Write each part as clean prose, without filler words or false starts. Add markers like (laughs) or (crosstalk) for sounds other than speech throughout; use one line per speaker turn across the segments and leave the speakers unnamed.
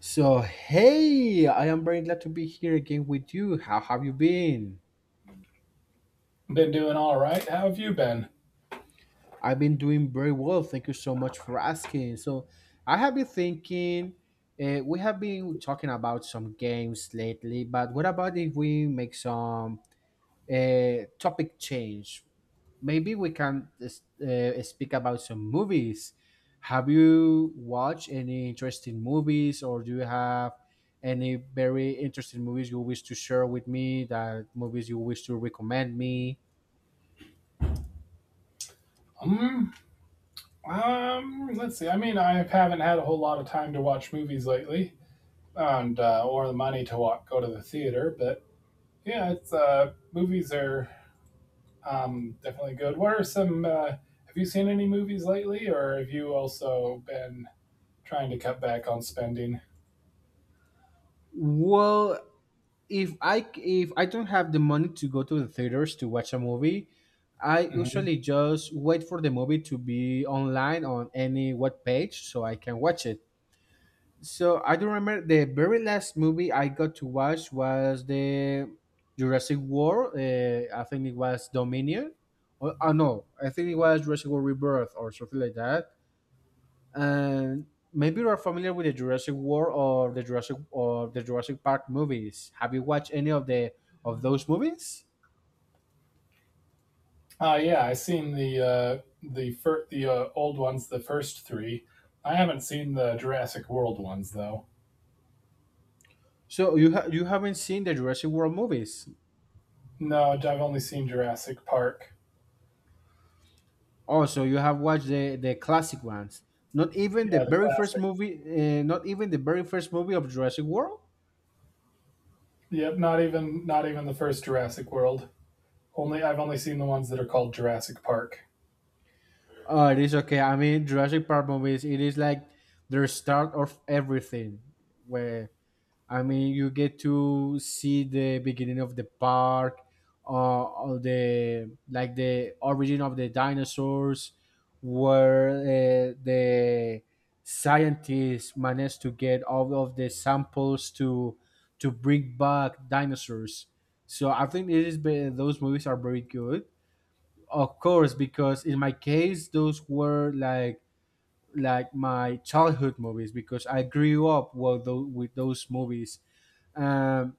So, hey, I am very glad to be here again with you. How have you been?
Been doing all right. How have you been?
I've been doing very well. Thank you so much for asking. So, I have been thinking, we have been talking about some games lately, but what about if we make some topic change. Maybe we can speak about some movies. Have you watched any interesting movies, or do you have any very interesting movies you wish to share with me? That movies you wish to recommend me?
Um, let's see. I mean, I haven't had a whole lot of time to watch movies lately, and or the money to go to the theater. But yeah, it's movies are definitely good. What are some? Have you seen any movies lately, or have you also been trying to cut back on spending?
Well, if I don't have the money to go to the theaters to watch a movie, I
Mm-hmm.
usually just wait for the movie to be online on any web page so I can watch it. So I do remember the very last movie I got to watch was the Jurassic World. I think it was Dominion. Or, no, I think it was Jurassic World Rebirth or something like that. And maybe you are familiar with the Jurassic World or the Jurassic Park movies. Have you watched any of the of those movies?
Yeah, I seen the the old ones, the first three. I haven't seen the Jurassic World ones though.
So you haven't seen the Jurassic World movies?
No, I've only seen Jurassic Park.
Also, you have watched the classic ones. Not even the
Yeah, the
very first
classic.
movie. Not even the very first movie of Jurassic World.
Yep, not even the first Jurassic World. Only I've only seen the ones that are called Jurassic Park.
Oh, it is okay. I mean, Jurassic Park movies. It is like their start of everything. Where I mean, you get to see the beginning of the park, all the like the origin of the dinosaurs, where the scientists managed to get all of the samples to bring back dinosaurs. So I think those movies are very good. Of course, because in my case, those were like my childhood movies because I grew up with those movies. Um,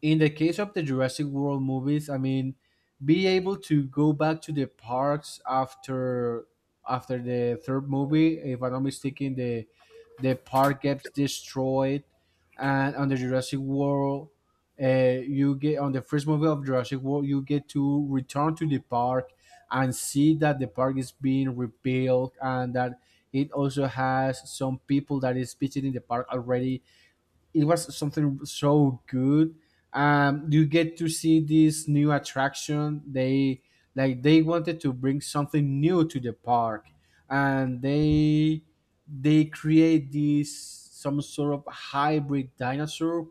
in the case of the Jurassic World movies, I mean, be able to go back to the parks after after the third movie, if I'm not mistaken, the park gets destroyed, and on the Jurassic World, you get on the first movie of Jurassic World, you get to return to the park and see that the park is being rebuilt and that it also has some people that is visiting the park already, it was something so good. You get to see this new attraction. They Like they wanted to bring something new to the park, and they create this some sort of hybrid dinosaur,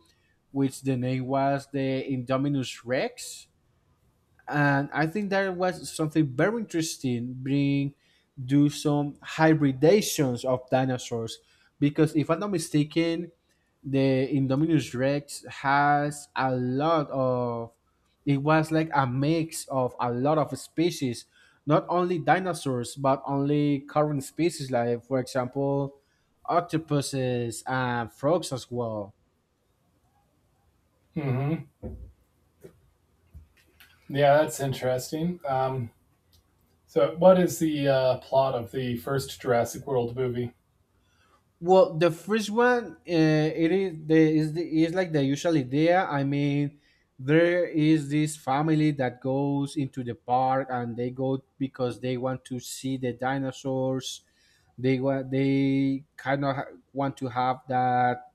which the name was the Indominus Rex, and I think that was something very interesting. Bring Do some hybridations of dinosaurs because, if I'm not mistaken, the Indominus Rex has a lot of, it was like a mix of a lot of species, not only dinosaurs but only current species like for example octopuses and frogs as well.
hmm Yeah, that's interesting. So, what is the plot of the first Jurassic World movie?
Well, the first one, it is the is the, is like the usual idea. I mean, there is this family that goes into the park and they go because they want to see the dinosaurs. They want they kind of ha- want to have that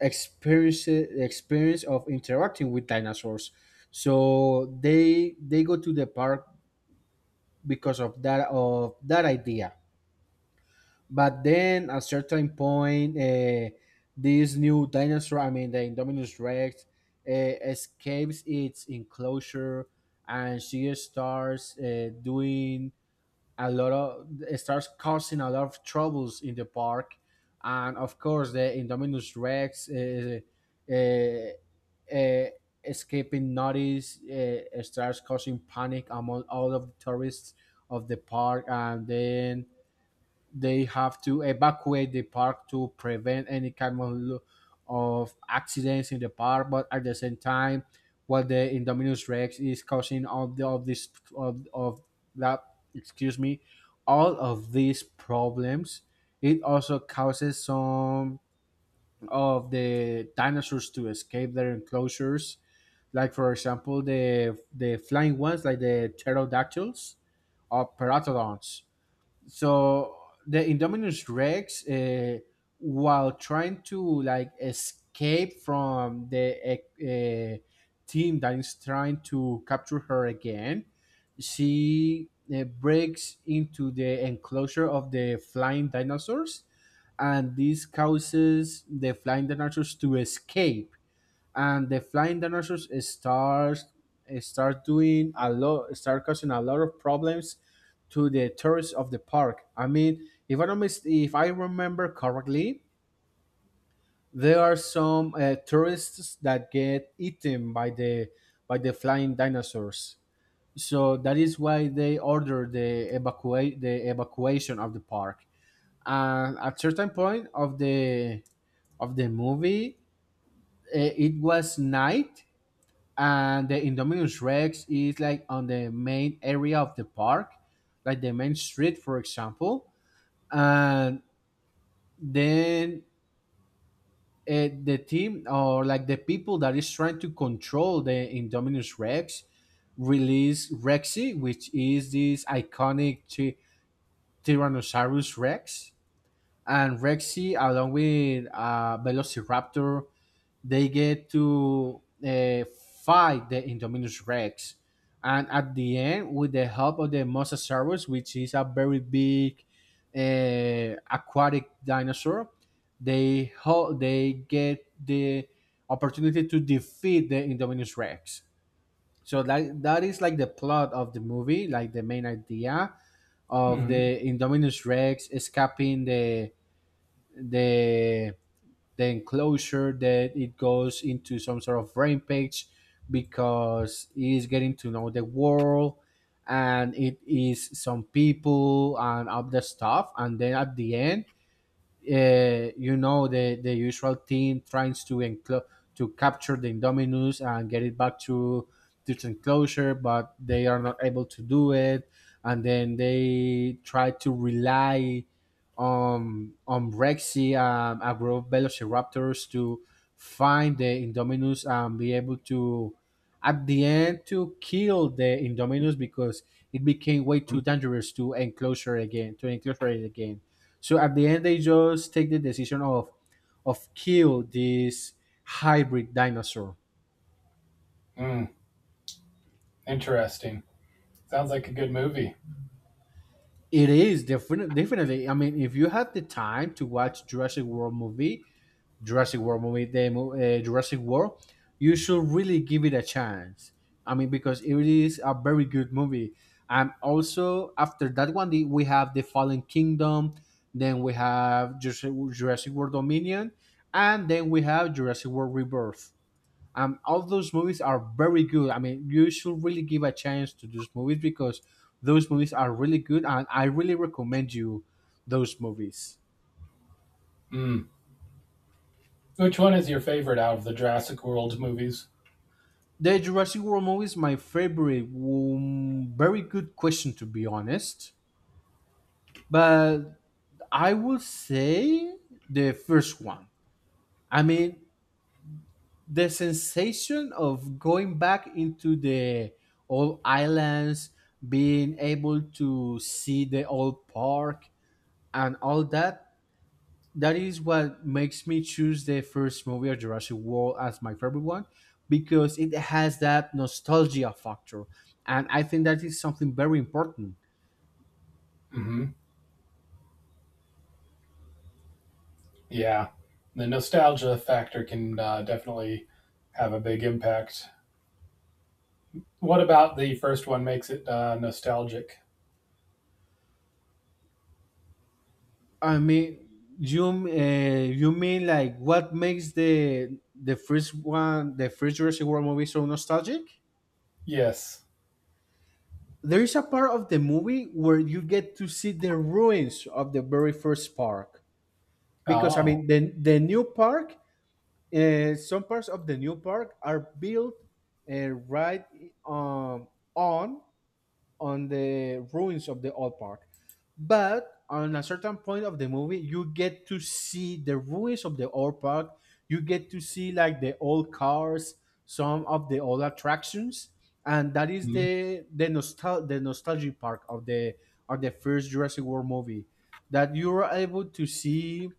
experience of interacting with dinosaurs. So they go to the park because of that idea, but then at certain point this new dinosaur, I mean the Indominus Rex, escapes its enclosure, and she starts doing a lot of starts causing a lot of troubles in the park. And of course the Indominus Rex, uh, uh, escaping notice, starts causing panic among all of the tourists of the park. And then they have to evacuate the park to prevent any kind of accidents in the park, but at the same time what the Indominus Rex is causing of the of this of that excuse me, all of these problems, it also causes some of the dinosaurs to escape their enclosures, like for example the flying ones like the pterodactyls or pteranodons. So the Indominus Rex, while trying to like escape from the team that is trying to capture her again, she breaks into the enclosure of the flying dinosaurs, and this causes the flying dinosaurs to escape. And the flying dinosaurs start causing a lot of problems to the tourists of the park. I mean, if I remember correctly, there are some tourists that get eaten by the flying dinosaurs. So that is why they order the evacuation of the park. And at certain point of the movie, it was night, and the Indominus Rex is like on the main area of the park, like the main street, for example. And then the team, or like the people that is trying to control the Indominus Rex, release Rexy, which is this iconic Tyrannosaurus Rex. And Rexy, along with Velociraptor, they get to fight the Indominus Rex. And at the end, with the help of the Mosasaurus, which is a very big aquatic dinosaur, they get the opportunity to defeat the Indominus Rex. So that is like the plot of the movie, like the main idea of
hmm
the Indominus Rex escaping the the enclosure, that it goes into some sort of rampage because it is getting to know the world and it is some people and all the stuff. And then at the end, you know, the usual team tries to capture the Indominus and get it back to its enclosure, but they are not able to do it, and then they try to rely on Rexy, a group of Velociraptors, to find the Indominus and be able to at the end to kill the Indominus because it became way too dangerous to enclosure it again. So at the end, they just take the decision of kill this hybrid dinosaur.
Mm, interesting. Sounds like a good movie.
It is definitely definitely. I mean, if you have the time to watch Jurassic World movie, the mo- Jurassic World, you should really give it a chance. I mean, because it is a very good movie. And also after that one, we have the Fallen Kingdom. Then we have Jurassic World Dominion, and then we have Jurassic World Rebirth. All those movies are very good. I mean, you should really give a chance to those movies because those movies are really good, and I really recommend you those movies.
Mm. Which one is your favorite out of the Jurassic World movies?
The Jurassic World movies, my favorite. Very good question, to be honest. But I would say the first one. I mean, the sensation of going back into the old islands, being able to see the old park and all that, that is what makes me choose the first movie of Jurassic World as my favorite one because it has that nostalgia factor, and I think that is something very important.
hmm Yeah, the nostalgia factor can definitely have a big impact. What about the first one makes it nostalgic?
I mean, you mean like what makes the first Jurassic World movie so nostalgic?
Yes.
There is a part of the movie where you get to see the ruins of the very first park because I
Oh,
mean the new park, some parts of the new park are built right um, on on the ruins of the old park, but on a certain point of the movie, you get to see the ruins of the old park. You get to see like the old cars, some of the old attractions, and that is
Mhm.
the nostalgia park of the first Jurassic World movie, that you are able to see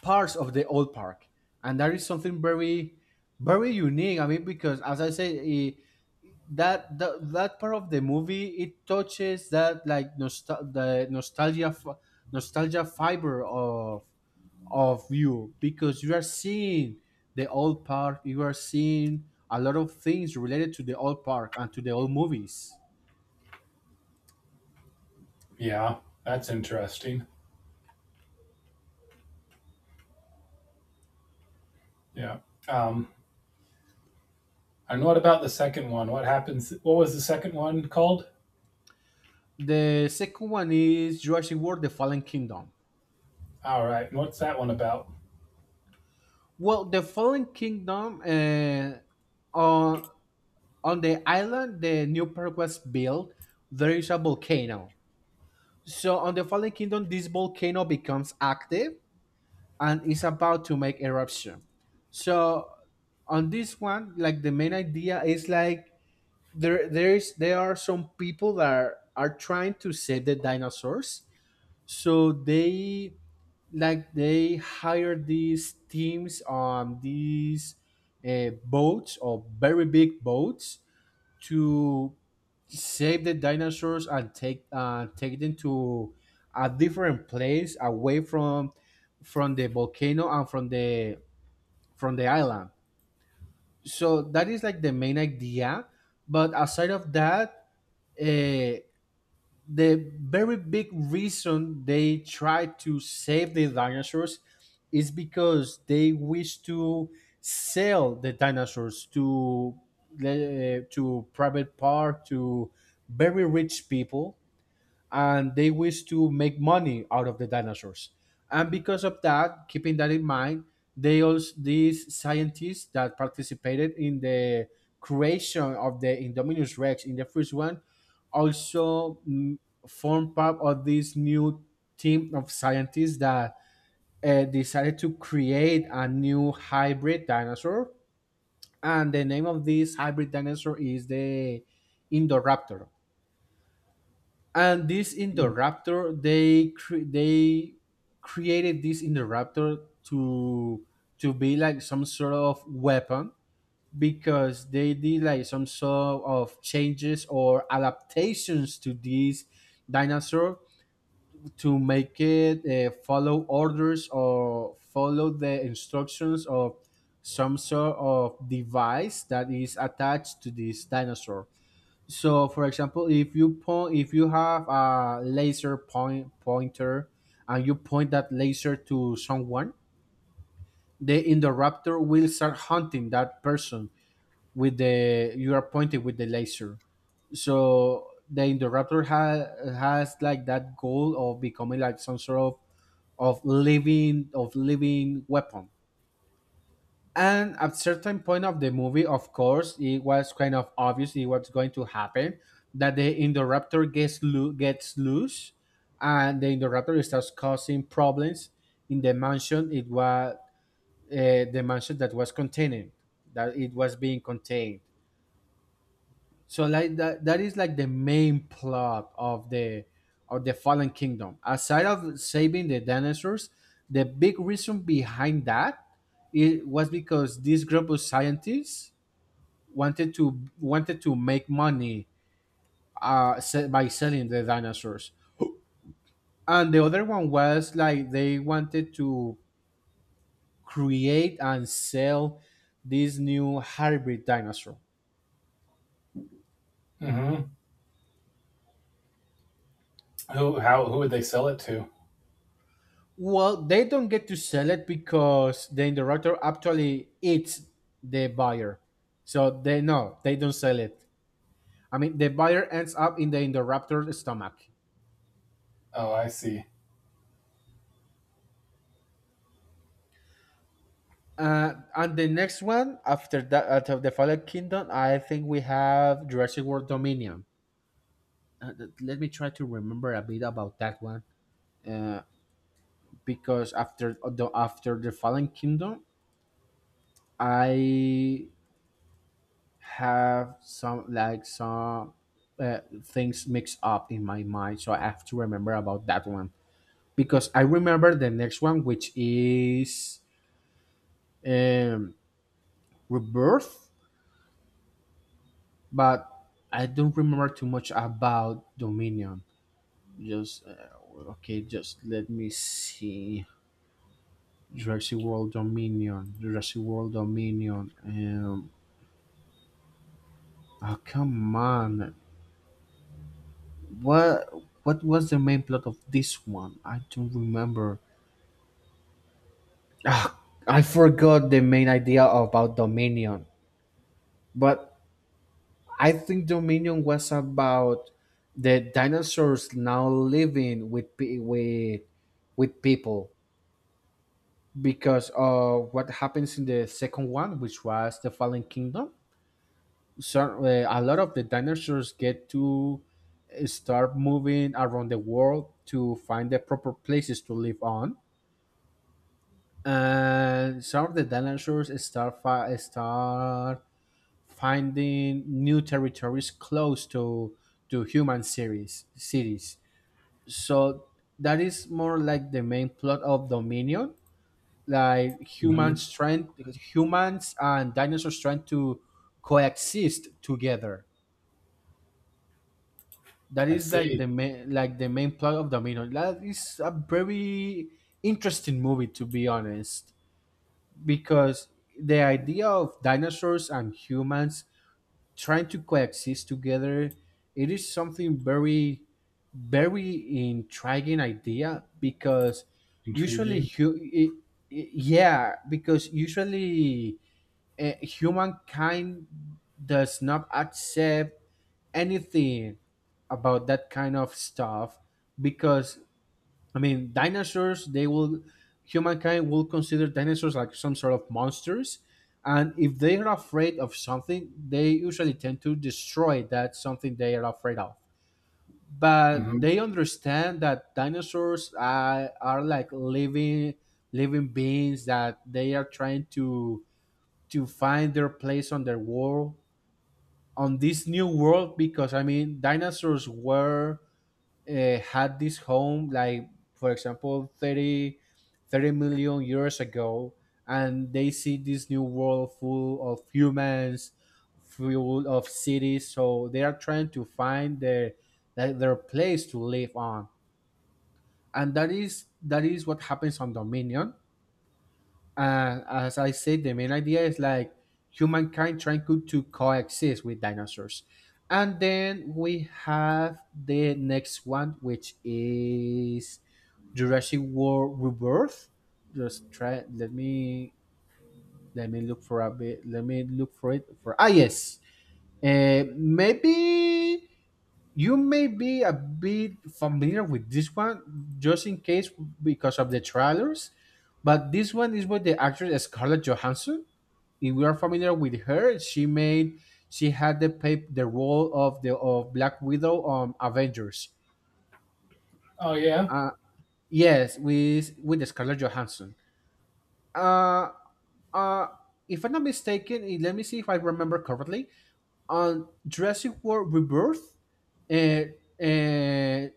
parts of the old park, and that is something very, very unique. I mean, because as I say, that part of the movie, it touches that like nostalgia fiber of you because you are seeing the old park, you are seeing a lot of things related to the old park and to the old movies.
Yeah. That's interesting. Yeah. Um, and what about the second one? What happens? What was the second one called?
The second one is Jurassic World: The Fallen Kingdom.
All right. And what's that one about?
Well, The Fallen Kingdom. Uh, On the island the new park was built, there is a volcano. So on the Fallen Kingdom, this volcano becomes active and is about to make eruption. So on this one, like the main idea is like there are some people that are trying to save the dinosaurs. So they they hire these teams on these boats or very big boats to save the dinosaurs and take take them to a different place away from the volcano and from the island, so that is like the main idea. But aside of that, uh, the very big reason they try to save the dinosaurs is because they wish to sell the dinosaurs to to private park, to very rich people, and they wish to make money out of the dinosaurs. And because of that, keeping that in mind, they also these scientists that participated in the creation of the Indominus Rex in the first one also formed part of this new team of scientists that decided to create a new hybrid dinosaur. And the name of this hybrid dinosaur is the Indoraptor. And this Indoraptor, they created this Indoraptor to be like some sort of weapon, because they did like some sort of changes or adaptations to this dinosaur to make it follow orders or follow the instructions of some sort of device that is attached to this dinosaur. So, for example, if you point, if you have a laser point pointer, and you point that laser to someone, the interrupter will start hunting that person with the you are pointing with the laser. So the interrupter has like that goal of becoming like some sort of of living weapon. And at certain point of the movie, of course, it was kind of obvious it was going to happen that the interrupter gets loose, and the interrupter starts causing problems in the mansion. It was the mansion that was containing that it was being contained. So like that is like the main plot of the Fallen Kingdom. Aside of saving the dinosaurs, the big reason behind that, it was because this group of scientists wanted to make money, by selling the dinosaurs. And the other one was like they wanted to create and sell this new hybrid dinosaur.
Mm-hmm. Who? How? Who would they sell it to?
Well, they don't get to sell it because the interruptor actually eats the buyer. So they no, they don't sell it. I mean, the buyer ends up in the interruptor's stomach.
Oh, I see.
And the next one after that, out of the Fallen Kingdom, I think we have Jurassic World Dominion. Let me try to remember a bit about that one. Uh, because after the Fallen Kingdom, I have some things mixed up in my mind, so I have to remember about that one because I remember the next one, which is um Rebirth, but I don't remember too much about Dominion. Just okay, just let me see. Jurassic World Dominion, Jurassic World Dominion. Oh, come on. What was the main plot of this one? I don't remember. Ah, I forgot the main idea about Dominion, but I think Dominion was about the dinosaurs now living with with people because of what happens in the second one, which was the Fallen Kingdom. So a lot of the dinosaurs get to start moving around the world to find the proper places to live on, and some of the dinosaurs start finding new territories close to human series cities. So that is more like the main plot of Dominion, like
Mm-hmm.
humans and dinosaurs trying to coexist together. That
I
is like
see.
the main plot of Dominion. That is a very interesting movie, to be honest, because the idea of dinosaurs and humans trying to coexist together, it is something very intriguing idea because usually
Intriguing.
hu- I- yeah, because usually humankind does not accept anything about that kind of stuff because, I mean, dinosaurs, they will, humankind will consider dinosaurs like some sort of monsters. And if they are afraid of something, they usually tend to destroy that something they are afraid of. But
Mm-hmm.
they understand that dinosaurs are like living beings that they are trying to find their place on their world, on this new world, because I mean dinosaurs were had this home like for example thirty million years ago, and they see this new world full of humans, full of cities, so they are trying to find their place to live on. And that is what happens on Dominion. As I said, the main idea is like humankind trying to coexist with dinosaurs. And then we have the next one, which is Jurassic World Rebirth. Just try. Let me look for a bit. Let me look for it. For, ah yes, maybe you may be a bit familiar with this one, just in case, because of the trailers, but this one is with the actress Scarlett Johansson. If we are familiar with her, she made she had the role of the of Black Widow on Avengers.
Oh yeah.
Uh, yes, with Scarlett Johansson. Uh, uh, if I'm not mistaken, eh, let me see if I remember correctly. On Jurassic World Rebirth, uh, uh,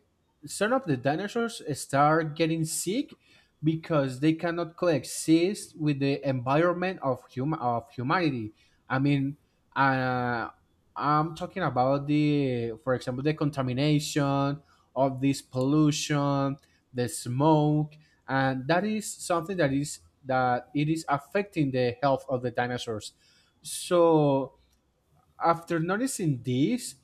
some of the dinosaurs start getting sick because they cannot coexist with the environment of humanity. I mean, uh, I'm talking about the, for example, the contamination of this pollution, the smoke, and that is something that is that it is affecting the health of the dinosaurs. So after noticing this,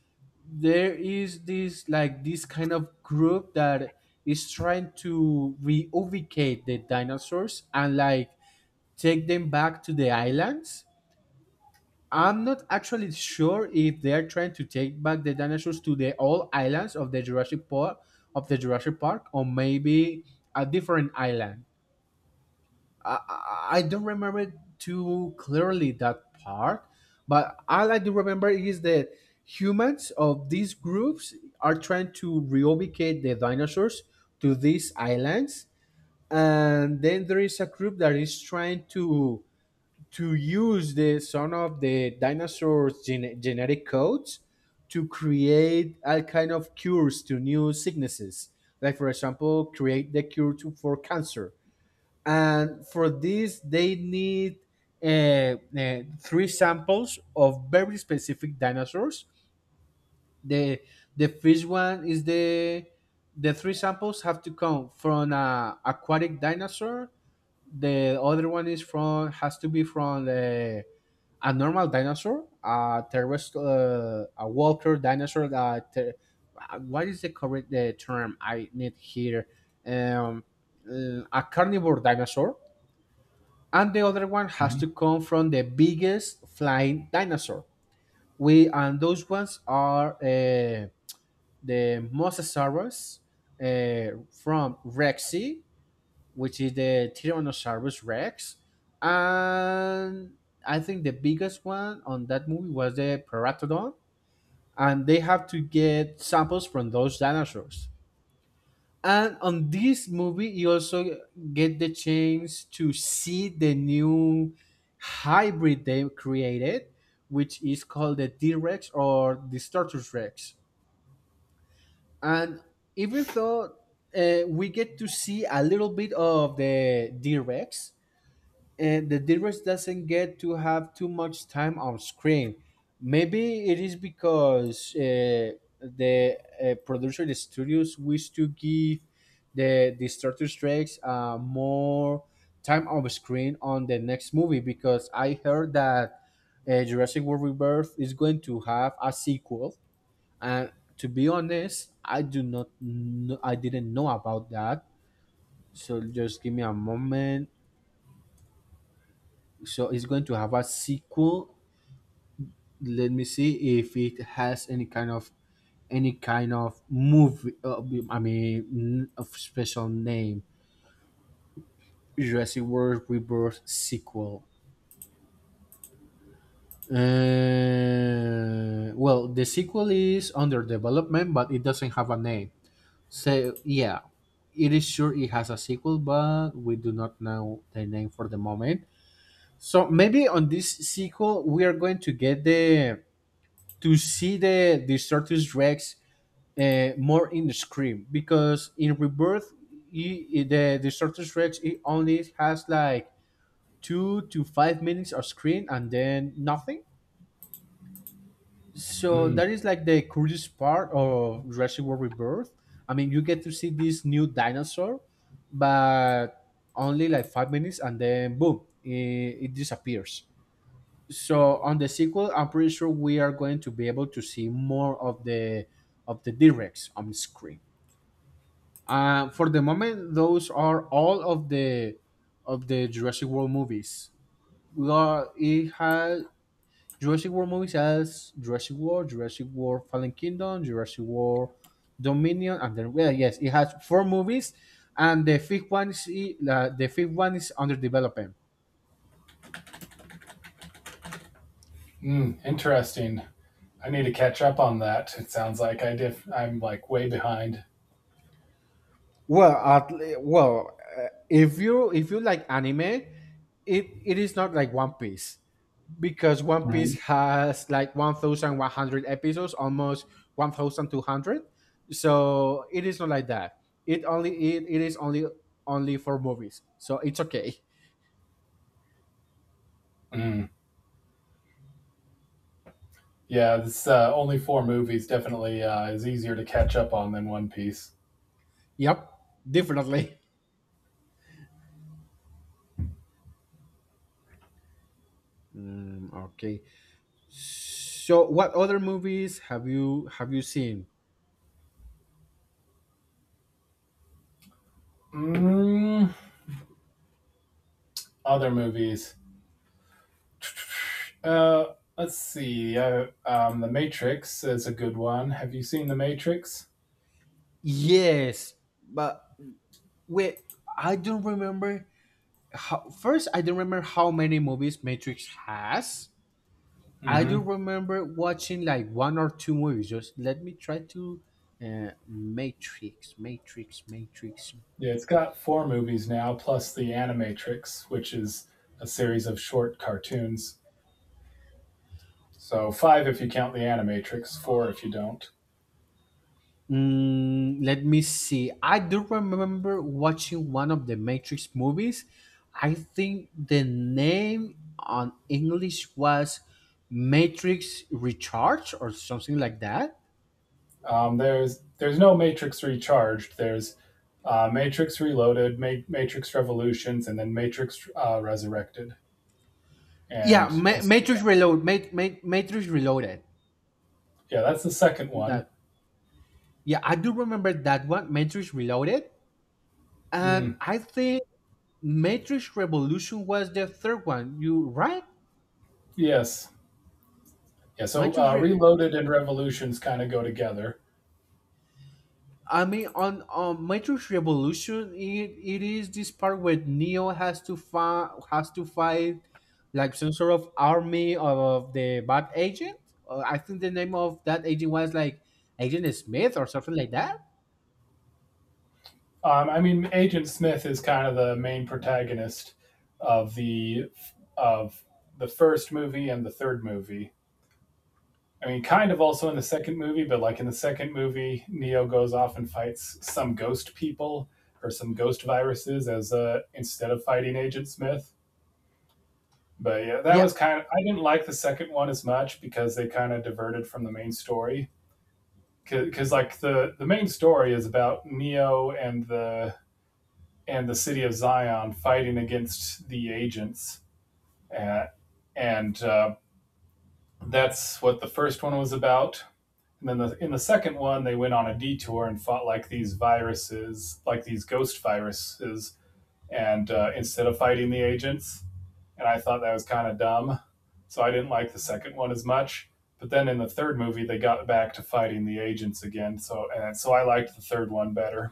there is this kind of group that is trying to reubicate the dinosaurs and like take them back to the islands. I'm not actually sure if they're trying to take back the dinosaurs to the old islands of the Jurassic Park or maybe a different island. I don't remember too clearly that part, but all I do remember is that humans of these groups are trying to reubicate the dinosaurs to these islands, and then there is a group that is trying to use the some of the genetic codes to create all kind of cures to new sicknesses. Like, for example, create the cure for cancer. And for this, they need three samples of very specific dinosaurs. The first one is the three samples have to come from a aquatic dinosaur. The other one is from has to be from the a normal dinosaur, a terrestrial, a walker dinosaur. What is the correct term I need here? Um, a carnivore dinosaur, and the other one has
Mm-hmm.
to come from the biggest flying dinosaur. We, and those ones are the Mosasaurus, from Rexy, which is the Tyrannosaurus Rex, and I think the biggest one on that movie was the Pteranodon, and they have to get samples from those dinosaurs. And on this movie, you also get the chance to see the new hybrid they created, which is called the D Rex or the Status Rex. And even though we get to see a little bit of the D Rex, and the Dilrush doesn't get to have too much time on screen. Maybe it is because the producer, the studios, wish to give the Star Trek Strikes more time on screen on the next movie, because I heard that Jurassic World Rebirth is going to have a sequel. And to be honest, I do not, I didn't know about that. So just give me a moment. So it's going to have a sequel. Let me see if it has any kind of movie, I mean, of special name. Jurassic World Rebirth sequel. Well, the sequel is under development, but it doesn't have a name. So yeah, it is sure it has a sequel, but we do not know the name for the moment. So maybe on this sequel, we are going to get the to see the Stratus Rex more in the screen because in Rebirth, the Stratus Rex, it only has like 2 to 5 minutes of screen and then nothing. So that
Mm,
is like the curious part of Jurassic World Rebirth. I mean, you get to see this new dinosaur, but only like 5 minutes and then boom, it disappears. So on the sequel, I'm pretty sure we are going to be able to see more of the directs on screen. For the moment, those are all of the Jurassic World movies. We are it has Jurassic World movies as Jurassic World, Fallen Kingdom, Jurassic World Dominion, and then, well, yes, it has four movies, and the fifth one is the fifth one is under development.
interesting. I need to catch up on that. It sounds like I'm like way behind.
Well, at, well, if you like anime, it is not like One Piece because One Piece
Mhm.
has like 1,100 episodes, almost 1,200. So it is not like that. It only it is only only for movies. So it's okay. (laughs)
Mm. Yeah, this only four movies definitely is easier to catch up on than One Piece.
Yep, definitely. Mm, okay. So what other movies have you seen?
Mm, other movies. Let's see. The Matrix is a good one. Have you seen The Matrix?
Yes, but wait, I don't remember how, first, I don't remember how many movies Matrix has. I do
Mm-hmm.
remember watching like one or two movies. Just let me try to Matrix, Matrix, Matrix.
Yeah, it's got four movies now, plus The Animatrix, which is a series of short cartoons. So five if you count The Animatrix, four if you don't.
Mm, let me see. I do remember watching one of the Matrix movies. I think the name on English was Matrix Recharge or something like that.
There's no Matrix Recharged. There's Matrix Reloaded, Matrix Revolutions, and then Matrix Resurrected.
Yeah,
And also,
Matrix Reload, Matrix Reloaded.
yeah, that's the second one.
That, yeah, I do remember that one, Matrix Reloaded. And
Mm,
I think Matrix Revolution was the third one. You right?
yes, yeah. So
Matrix Re-
Reloaded and Revolutions kind of go together.
I mean on Matrix Revolution, it is this part where Neo has to fight like some sort of army of the bad agent. I think the name of that agent was like Agent Smith or something like that.
I mean, Agent Smith is kind of the main protagonist of the of the first movie and the third movie. I mean, kind of also in the second movie, but like in the second movie, Neo goes off and fights some ghost people or some ghost viruses as instead of fighting Agent Smith. But yeah, that
Yeah.
was kind of I didn't like the second one as much because they kind of diverted from the main story. Because like the main story is about Neo and the city of Zion fighting against the agents, uh, and that's what the first one was about. And then in the second one, they went on a detour and fought like these viruses, like these ghost viruses, and instead of fighting the agents. And I thought that was kind of dumb. So I didn't like the second one as much. But then in the third movie, they got back to fighting the agents again. So and so I liked the third one better.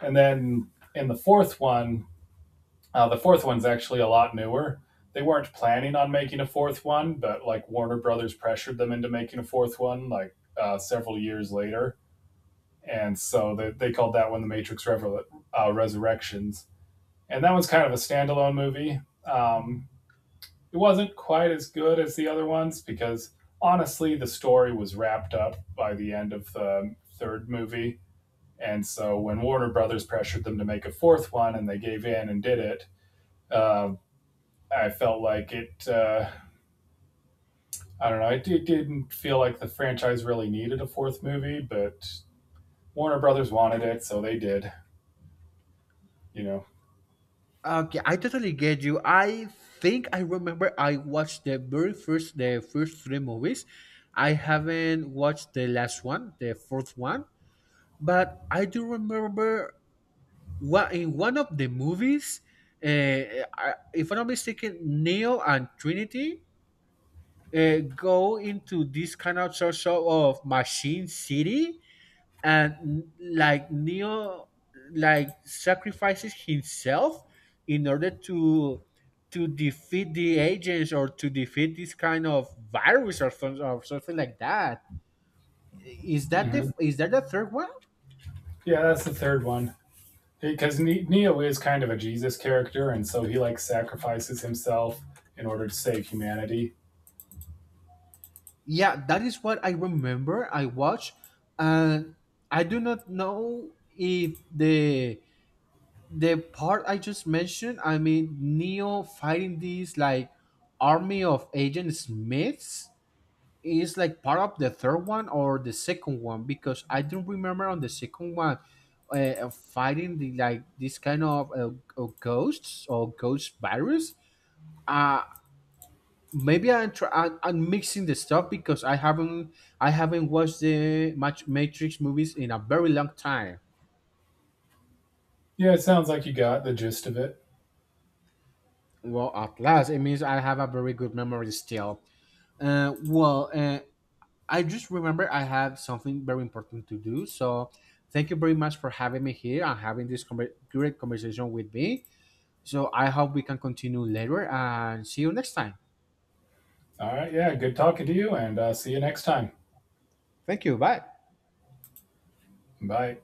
And then in the fourth one, the fourth one's actually a lot newer. They weren't planning on making a fourth one, but like Warner Brothers pressured them into making a fourth one, like several years later, and so they called that one the Matrix Resurrections, and that one's kind of a standalone movie. It wasn't quite as good as the other ones because honestly, the story was wrapped up by the end of the third movie, and so when Warner Brothers pressured them to make a fourth one, and they gave in and did it, uh, I felt like it. I don't know. It didn't feel like the franchise really needed a fourth movie, but Warner Brothers wanted it, so they did. You know.
Okay, I totally get you. I think I remember I watched the very first the first three movies. I haven't watched the last one, the fourth one, but I do remember what in one of the movies, I, if I'm not mistaken, Neo and Trinity go into this kind of sort of machine city, and like Neo like sacrifices himself in order to defeat the agents or to defeat this kind of virus, or something like that. Is that
Mm-hmm.
the third one?
Yeah, that's the third one. Because Neo is kind of a Jesus character, and so he like sacrifices himself in order to save humanity.
Yeah, that is what I remember. I watched, and I do not know if the part I just mentioned. I mean, Neo fighting these like army of Agent Smiths is like part of the third one or the second one because I don't remember on the second one fighting the like this kind of ghosts or ghost virus. Uh Maybe I'm, I'm mixing the stuff because I haven't watched the Matrix movies in a very long time.
Yeah, it sounds like you got the gist of it.
Well, at last, it means I have a very good memory still. Well, I just remember I have something very important to do. So thank you very much for having me here and having this great conversation with me. So I hope we can continue later and see you next time.
All right, yeah, good talking to you, and see you next time.
Thank you. Bye.
Bye.